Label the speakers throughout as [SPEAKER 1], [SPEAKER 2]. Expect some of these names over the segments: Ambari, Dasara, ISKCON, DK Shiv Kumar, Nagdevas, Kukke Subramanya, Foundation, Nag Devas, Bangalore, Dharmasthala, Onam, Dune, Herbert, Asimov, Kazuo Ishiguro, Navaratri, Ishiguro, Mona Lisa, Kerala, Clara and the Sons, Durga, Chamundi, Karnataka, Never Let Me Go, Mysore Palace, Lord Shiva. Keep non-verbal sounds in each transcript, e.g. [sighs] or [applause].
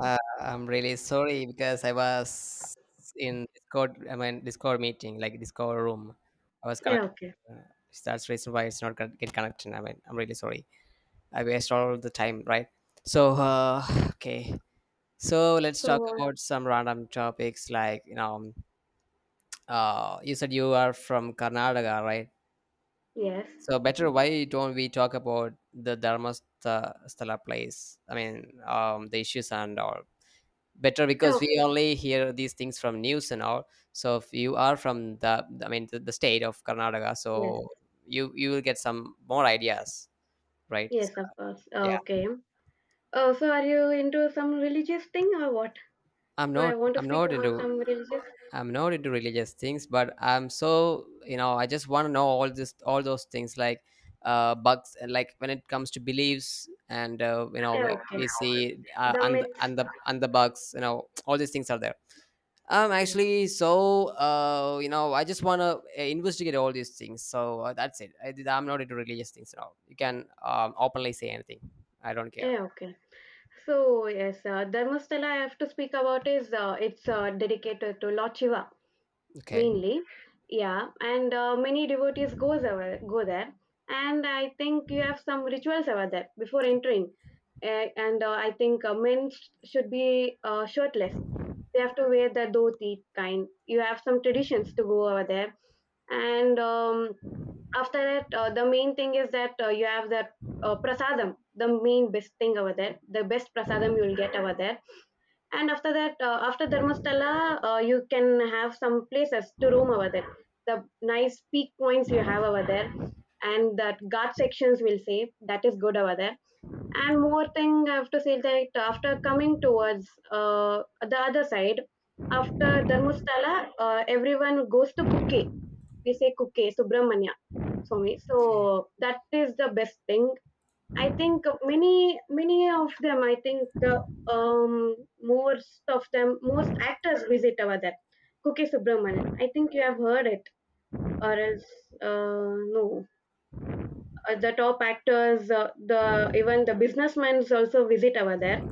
[SPEAKER 1] I'm really sorry because I was in Discord. I mean Discord meeting, like Discord room. I was
[SPEAKER 2] Yeah,
[SPEAKER 1] connected.
[SPEAKER 2] okay.
[SPEAKER 1] Uh, that's reason why it's not gonna get connected. I mean, I'm really sorry. I waste all the time, right? So [sighs] okay. So let's talk
[SPEAKER 2] So,
[SPEAKER 1] about some random topics like you know. You said you are from Karnataka, right?
[SPEAKER 2] yes.
[SPEAKER 1] So better why don't we talk about the Dharmasthala place? I mean, the issues and all. Better
[SPEAKER 2] Oh,
[SPEAKER 1] because we only hear these things from news and all. So if you are from the I mean the state of Karnataka, so
[SPEAKER 2] yes.
[SPEAKER 1] you will get some more ideas, right?
[SPEAKER 2] Yes,
[SPEAKER 1] So,
[SPEAKER 2] of course.
[SPEAKER 1] yeah,
[SPEAKER 2] Okay. Oh, so are you into some religious thing or what?
[SPEAKER 1] i'm
[SPEAKER 2] So I
[SPEAKER 1] not
[SPEAKER 2] want to
[SPEAKER 1] i'm
[SPEAKER 2] speak
[SPEAKER 1] not
[SPEAKER 2] about
[SPEAKER 1] into
[SPEAKER 2] some religious.
[SPEAKER 1] I'm not into religious things, but I'm, so I just want to know all this all those things, like bugs, like when it comes to beliefs and we
[SPEAKER 2] Yeah, okay.
[SPEAKER 1] we see,
[SPEAKER 2] The
[SPEAKER 1] and
[SPEAKER 2] myths.
[SPEAKER 1] and the and the bugs, all these things are there.
[SPEAKER 2] Yes.
[SPEAKER 1] Actually, so I just wanna investigate all these things. So that's it. I'm not into religious things at all. You can openly say anything. I don't care.
[SPEAKER 2] Yeah, okay. So, yes, Dharmasthala I have to speak about is it's dedicated to Lord Shiva,
[SPEAKER 1] Okay.
[SPEAKER 2] mainly. Yeah. And many devotees goes over go there, and I think you have some rituals over there before entering. And I think men should be shirtless. They have to wear the dhoti kind. You have some traditions to go over there. And after that, the main thing is that you have that prasadam. The main best thing over there, the best prasadam you will get over there. And after that, after Dharmastala, you can have some places to roam over there. The nice peak points you have over there, and that guard sections will say that is good over there. And more thing I have to say that after coming towards the other side, after Dharmastala, everyone goes to Kukke. We say Kukke, Subramanya Swami.
[SPEAKER 1] Okay.
[SPEAKER 2] So that is the best thing. I think many of them, I think the um most of them most actors visit over there. Kuki Subramanian, I think you have heard it, or else no. The top actors, the even the businessmen also visit over there.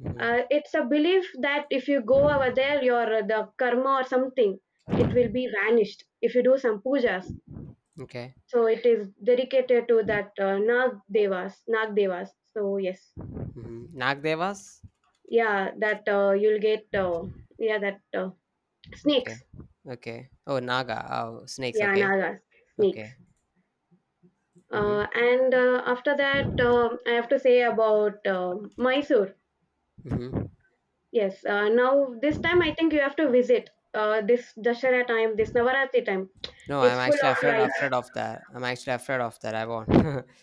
[SPEAKER 1] Mm-hmm.
[SPEAKER 2] It's a belief that if you go over there, your the karma or something, it will be vanished if you do some pujas.
[SPEAKER 1] Okay.
[SPEAKER 2] So it is dedicated to that Nag Devas, Nag Devas. So, yes.
[SPEAKER 1] Mm-hmm. Nagdevas.
[SPEAKER 2] Yeah, that you'll get, yeah, that snakes.
[SPEAKER 1] Okay. Okay. Oh, naga. Oh, snakes.
[SPEAKER 2] Yeah,
[SPEAKER 1] Okay.
[SPEAKER 2] nagas, snakes.
[SPEAKER 1] Okay. Mm-hmm.
[SPEAKER 2] And after that, I have to say about Mysore.
[SPEAKER 1] Mm-hmm.
[SPEAKER 2] Yes. Now this time, I think you have to visit this Dashara time, this Navaratri time.
[SPEAKER 1] No, I'm
[SPEAKER 2] It's full
[SPEAKER 1] actually
[SPEAKER 2] of
[SPEAKER 1] afraid
[SPEAKER 2] lights.
[SPEAKER 1] afraid of that. I'm actually afraid of that. I won't.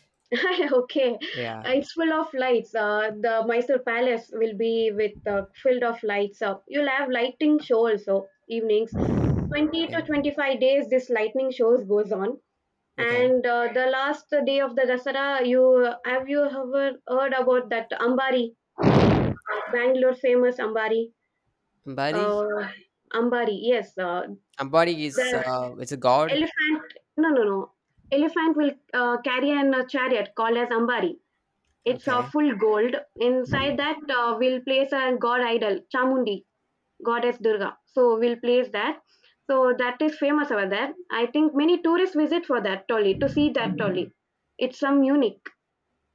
[SPEAKER 1] [laughs]
[SPEAKER 2] [laughs] Okay,
[SPEAKER 1] Yeah.
[SPEAKER 2] it's full of lights. The Mysore Palace will be with filled of lights up. You'll have lighting show also evenings. Twenty to
[SPEAKER 1] Okay.
[SPEAKER 2] twenty-five days this lightning shows goes on.
[SPEAKER 1] Okay.
[SPEAKER 2] And the last day of the Dasara, you ever heard about that Ambari, Bangalore famous Ambari?
[SPEAKER 1] Ambari.
[SPEAKER 2] Uh, Ambari, yes.
[SPEAKER 1] Ambari is
[SPEAKER 2] The
[SPEAKER 1] it's a god.
[SPEAKER 2] elephant, no, no, no. Elephant will carry an chariot called as Ambari. It's
[SPEAKER 1] Okay.
[SPEAKER 2] full gold.
[SPEAKER 1] Mhm.
[SPEAKER 2] Inside that, we'll place a god idol, Chamundi, goddess Durga. So we'll place that. So that is famous over there. I think many tourists visit for that Tolly to see that Tolly. It's some unique.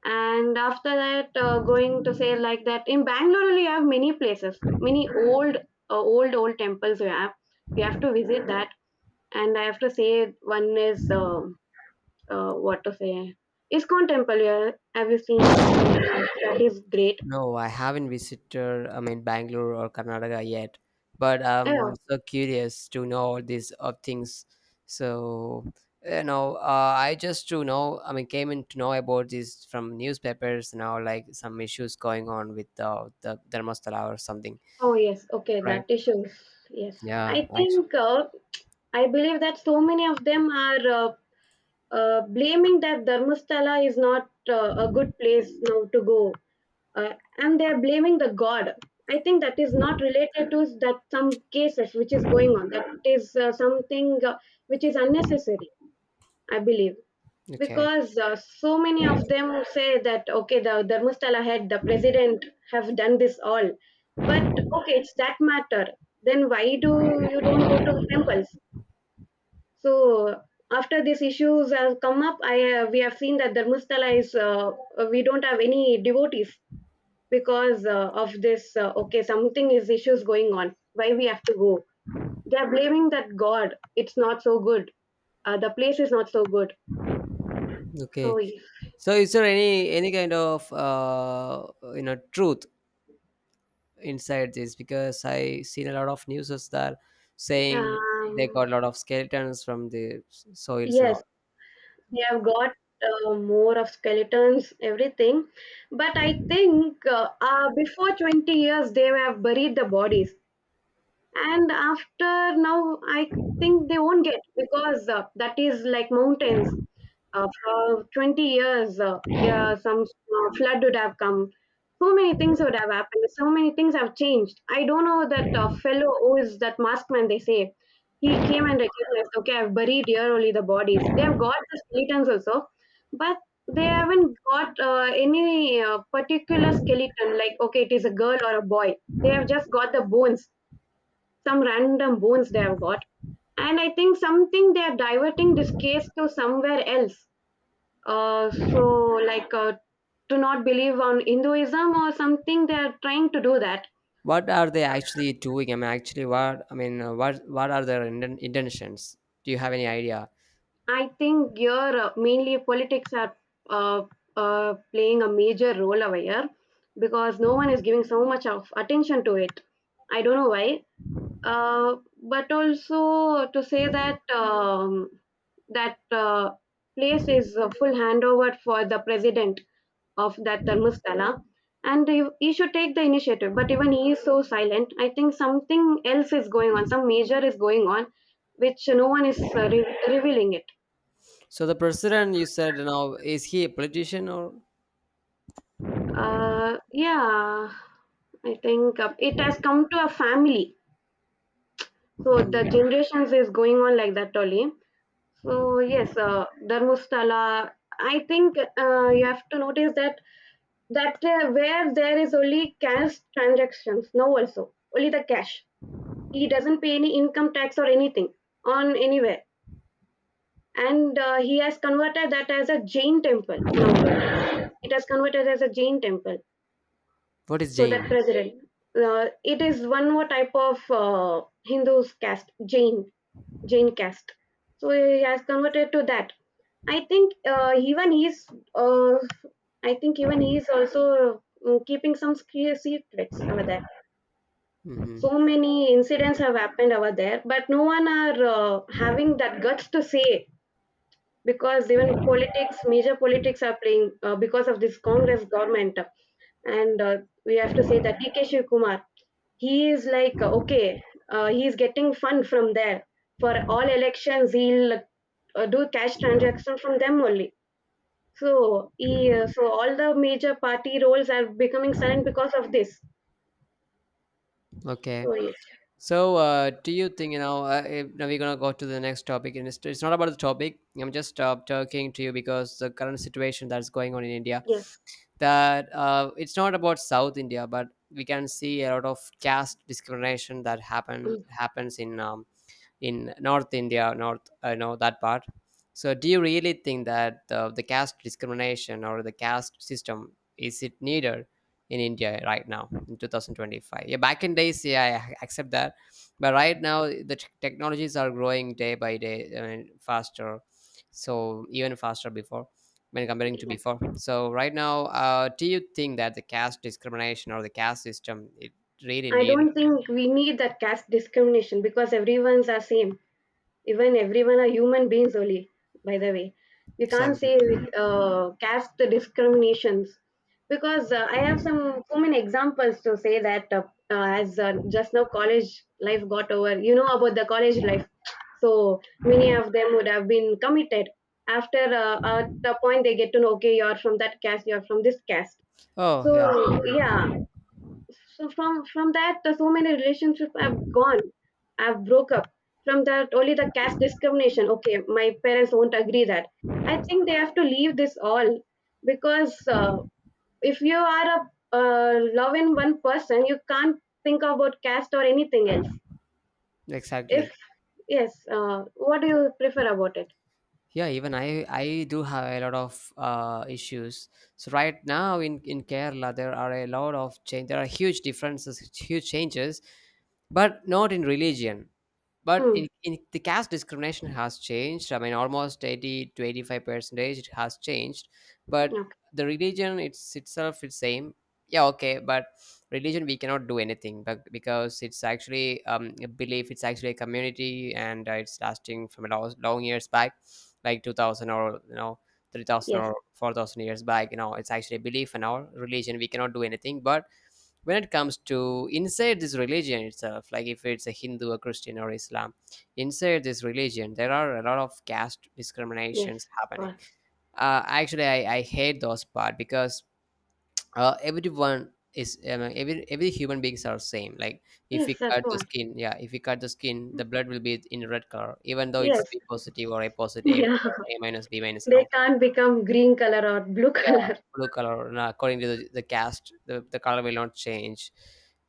[SPEAKER 2] And after that, going to say like that, in Bangalore only you have many places, many old temples you have. You have to visit that. And I have to say one is, what to say, ISKON temple. Yeah, have you seen? In that is great.
[SPEAKER 1] No, I haven't visited, I mean, Bangalore or Karnataka yet, but
[SPEAKER 2] Yeah.
[SPEAKER 1] I'm so curious to know all these things. So, you know, I just to know, I mean, came in to know about this from newspapers now, like some issues going on with the Dharmasthala or something,
[SPEAKER 2] Oh, yes, okay,
[SPEAKER 1] right?
[SPEAKER 2] that is sure. Yes, I
[SPEAKER 1] Yeah, actually,
[SPEAKER 2] think, I believe that so many of them are blaming that Dharmasthala is not a good place now to go. And they're blaming the god. I think that is not related to that. Some cases which is going on, that is something which is unnecessary, I believe.
[SPEAKER 1] okay,
[SPEAKER 2] Because so many of them say that, okay, the Dharmasthala head, the president, have done this all. But okay, it's that matter, then why do you don't go to temples. So after these issues have come up, I we have seen that Dharmasthala is we don't have any devotees, because of this, okay, something is issues going on, why we have to go? They are blaming that god, it's not so good, the place is not so good. So.
[SPEAKER 1] okay. So, is there any kind of truth inside this? Because I seen a lot of newses that saying they
[SPEAKER 2] um,
[SPEAKER 1] got a lot of skeletons from the soils and
[SPEAKER 2] yes,
[SPEAKER 1] all.
[SPEAKER 2] they have got, more of skeletons, everything. But I think, before 20 years they have buried the bodies, and after, now I think they won't get, because that is like mountains. For 20 years, yeah, some flood would have come. So many things would have happened. So many things have changed. I don't know that fellow who is that masked man, they say. He came and recognized, okay, I've buried here only the bodies. They've got the skeletons also, but they haven't got any particular skeleton, like, okay, it is a girl or a boy. They have just got the bones, some random bones they have got. And I think something, they are diverting this case to somewhere else, so like, to not believe on Hinduism or something they are trying to do that.
[SPEAKER 1] What are they actually doing? I mean, actually, what I mean, what are their intentions? Do you have any idea?
[SPEAKER 2] I think here mainly politics are uh, playing a major role over here, because no one is giving so much of attention to it, I don't know why. uh, but also to say that, that place is a full handover for the president of that Dharmasthala, and he should take the initiative, but even he is so silent. I think something else is going on, some major is going on which no one is revealing it.
[SPEAKER 1] So the president, you said, you know, is he a politician or...
[SPEAKER 2] Yeah, I think it has come to a family, so the
[SPEAKER 1] Mhm.
[SPEAKER 2] generations is going on like that only. So yes, Dharmasthala, I think you have to notice that, that where there is only cash transactions now also, only the cash. He doesn't pay any income tax or anything on anywhere. And he has converted that as a Jain temple now, it has converted as a Jain temple.
[SPEAKER 1] What is
[SPEAKER 2] So that
[SPEAKER 1] Jane?
[SPEAKER 2] president, it is one more type of Hindu's caste, Jain, Jain caste. So he has converted to that. i think uh, even he's uh, I think even he is also keeping some secrets over there.
[SPEAKER 1] Hmm.
[SPEAKER 2] So many incidents have happened over there, but no one are having that guts to say, because even politics major politics are playing because of this Congress government. And we have to say that DK Shiv kumar he is like, okay, he is getting fund from there. For all elections, he'll do cash transaction from them only. So all the major party roles are becoming silent because of this.
[SPEAKER 1] Okay.
[SPEAKER 2] So, yes.
[SPEAKER 1] So, do you think, you know? If, now we're gonna go to the next topic, and it's not about the topic. I'm just talking to you because the current situation that's going on in India,
[SPEAKER 2] Yes.
[SPEAKER 1] that it's not about South India, but we can see a lot of caste discrimination that
[SPEAKER 2] Mm.
[SPEAKER 1] happens in North India. North, I know that part. So, do you really think that the caste discrimination or the caste system, is it needed in India right now in 2025? Yeah, back in days, yeah, I accept that, but right now the technologies are growing day by day, I mean, faster, so even faster before, when comparing to
[SPEAKER 2] Yeah.
[SPEAKER 1] before. So, right now, do you think that the caste discrimination or the caste system, it really
[SPEAKER 2] I
[SPEAKER 1] needed?
[SPEAKER 2] don't think we need that caste discrimination, because everyone's are same. Even everyone are human beings only. By the way, we can't
[SPEAKER 1] Exactly.
[SPEAKER 2] say caste discriminations, because I have some so many examples to say that, as just now college life got over. You know about the college life, so many of them would have been committed. After at a point, they get to know, okay, you're from that caste, you're from this caste.
[SPEAKER 1] Oh, yeah,
[SPEAKER 2] So yeah, so from that, so many relationships have gone. I've broke up. From that, only the caste discrimination. Okay, my parents won't agree that. I think they have to leave this all, because if you are a uh, love in one person, you can't think about caste or anything else. If
[SPEAKER 1] exactly.
[SPEAKER 2] yes, what do you prefer about it?
[SPEAKER 1] Yeah, even I do have a lot of issues. So right now in Kerala there are a lot of change, there are huge differences, huge changes, but not in religion, but
[SPEAKER 2] Mm,
[SPEAKER 1] in the caste discrimination has changed, I mean, almost 80 to 85 percentage it has changed, but
[SPEAKER 2] okay.
[SPEAKER 1] the religion it's itself it's same. Yeah, okay, but religion we cannot do anything, but because it's actually a belief, it's actually a community, and it's lasting from a long, long years back, like 2000, or you know, 3000
[SPEAKER 2] Yes.
[SPEAKER 1] or 4000 years back, you know. It's actually a belief in our religion. We cannot do anything, but when it comes to inside this religion itself, like if it's a Hindu, a Christian or Islam, inside this religion there are a lot of caste
[SPEAKER 2] Yes,
[SPEAKER 1] discriminations
[SPEAKER 2] of
[SPEAKER 1] happening.
[SPEAKER 2] course.
[SPEAKER 1] Actually, I hate those part, because everyone is, I mean, every human beings are same. Like, if
[SPEAKER 2] Yes.
[SPEAKER 1] we
[SPEAKER 2] That's
[SPEAKER 1] cut the
[SPEAKER 2] what.
[SPEAKER 1] skin, yeah, if we cut the skin the blood will be in red color, even though it's
[SPEAKER 2] Yes.
[SPEAKER 1] B positive or A
[SPEAKER 2] [laughs]
[SPEAKER 1] positive,
[SPEAKER 2] Yeah.
[SPEAKER 1] A minus, B minus and
[SPEAKER 2] They
[SPEAKER 1] all.
[SPEAKER 2] can't become green color or blue
[SPEAKER 1] Yeah,
[SPEAKER 2] color.
[SPEAKER 1] blue color. Now, according to the caste, the color will not change.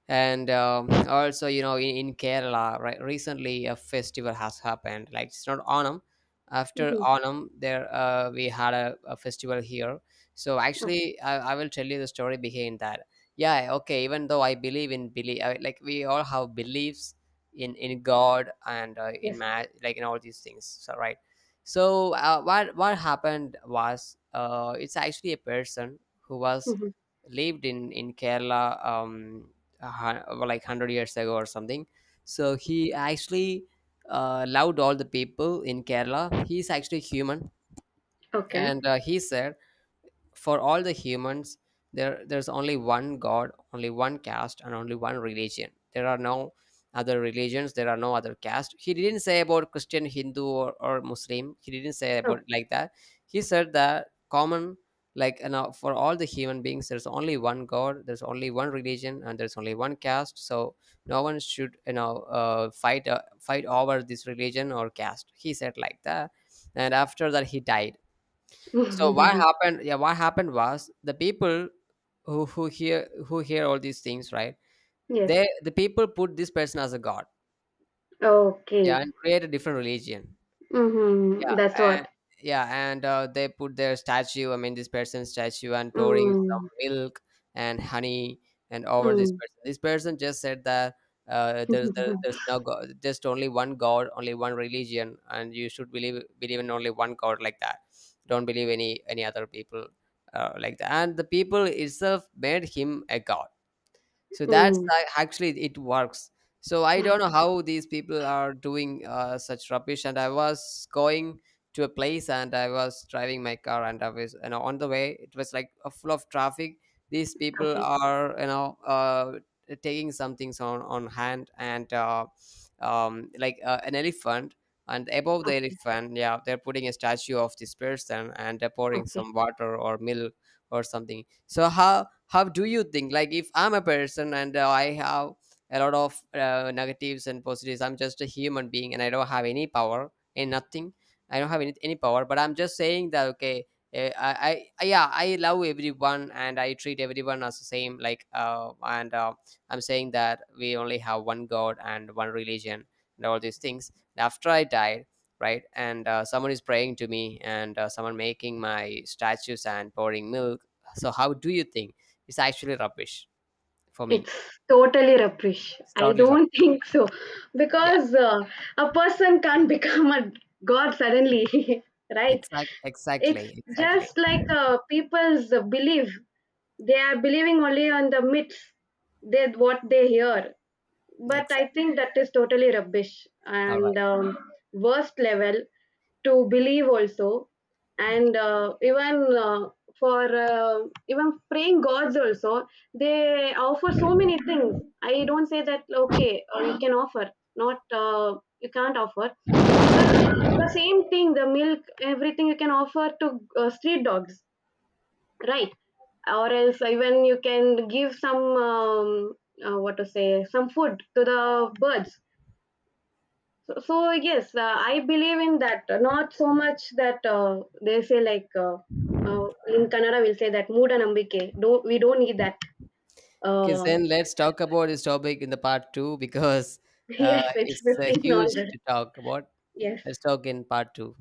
[SPEAKER 1] And also, you know, in Kerala, right, recently a festival has happened. Like it's not Onam.
[SPEAKER 2] [laughs]
[SPEAKER 1] After
[SPEAKER 2] Mhm.
[SPEAKER 1] Onam, there we had a festival here. So actually, I will tell you the story behind that. Yeah, okay. Even though I believe in belief, like we all have beliefs in God and in
[SPEAKER 2] Yes.
[SPEAKER 1] like in all these things. So right, so what happened was it's actually a person who was
[SPEAKER 2] Hmm.
[SPEAKER 1] lived in Kerala, a like 100 years ago or something. So he actually loved all the people in Kerala. He's actually human,
[SPEAKER 2] Okay.
[SPEAKER 1] and he said, for all the humans, there's only one god, only one caste and only one religion. There are no other religions, there are no other caste. He didn't say about Christian, Hindu, or Muslim. He didn't say
[SPEAKER 2] Okay.
[SPEAKER 1] about like that. He said that common, like you know, for all the human beings there's only one god, there's only one religion and there's only one caste. So no one should, you know, fight over this religion or caste. He said like that. And after that he died. So what
[SPEAKER 2] [laughs]
[SPEAKER 1] happened? Yeah, what happened was the people who hear all these things, right?
[SPEAKER 2] Yes.
[SPEAKER 1] The people put this person as a god, yeah,
[SPEAKER 2] Okay.
[SPEAKER 1] and create a different religion.
[SPEAKER 2] Mm-hmm. That's
[SPEAKER 1] Yeah. And
[SPEAKER 2] what.
[SPEAKER 1] yeah, and they put their statue, I mean, this person's statue, and pouring some
[SPEAKER 2] Mm.
[SPEAKER 1] milk and honey, and over this
[SPEAKER 2] Mm.
[SPEAKER 1] person. This person just said that there,
[SPEAKER 2] [laughs]
[SPEAKER 1] there's no god, just only one god, only one religion, and you should believe in only one god, like that. Don't believe any other people, like that. And the people itself made him a god. So that's
[SPEAKER 2] Mm.
[SPEAKER 1] actually, it works. So I don't know how these people are doing such rubbish. And I was going to a place and I was driving my car, and I was, you know, on the way, it was like a full of traffic. These people
[SPEAKER 2] Okay.
[SPEAKER 1] are, you know, taking some things on hand, and like an elephant. And above the
[SPEAKER 2] Okay.
[SPEAKER 1] elephant, yeah, they're putting a statue of this person and they're pouring
[SPEAKER 2] Okay.
[SPEAKER 1] some water or milk or something. So how do you think, like, if I'm a person and I have a lot of negatives and positives, I'm just a human being and I don't have any power and nothing, I don't have any power, but I'm just saying that, okay, I, yeah, I love everyone and I treat everyone as the same, like and I'm saying that we only have one god and one religion, and all these things. After I died, right, and someone is praying to me, and someone making my statues and pouring milk. So how do you think? It's actually rubbish for me.
[SPEAKER 2] It's totally rubbish.
[SPEAKER 1] It's
[SPEAKER 2] I
[SPEAKER 1] totally
[SPEAKER 2] don't [laughs]
[SPEAKER 1] rubbish.
[SPEAKER 2] think so,
[SPEAKER 1] Yeah,
[SPEAKER 2] because a person can't [laughs] become a god suddenly, [laughs] right? It's
[SPEAKER 1] exactly,
[SPEAKER 2] just like people's belief. They are believing only on the myths. They what they hear. But I
[SPEAKER 1] exactly.
[SPEAKER 2] think that is totally rubbish
[SPEAKER 1] All
[SPEAKER 2] and
[SPEAKER 1] right.
[SPEAKER 2] worst level to believe also, and even for even praying gods also, they offer so many things. I don't say that, okay, you can offer, not, you can't offer, but the same thing, the milk, everything you can offer to street dogs, right? Or else even you can give some what to say, some food to the birds. So, yes, I believe in that, not so much that they say like, in Kannada we'll say that moodanambike, don't we don't need that.
[SPEAKER 1] Because
[SPEAKER 2] uh,
[SPEAKER 1] then let's talk about this topic in the part two, because
[SPEAKER 2] [laughs] yes, it's
[SPEAKER 1] it's
[SPEAKER 2] 15, all
[SPEAKER 1] huge
[SPEAKER 2] right.
[SPEAKER 1] to talk about.
[SPEAKER 2] Yes.
[SPEAKER 1] Let's talk in part two.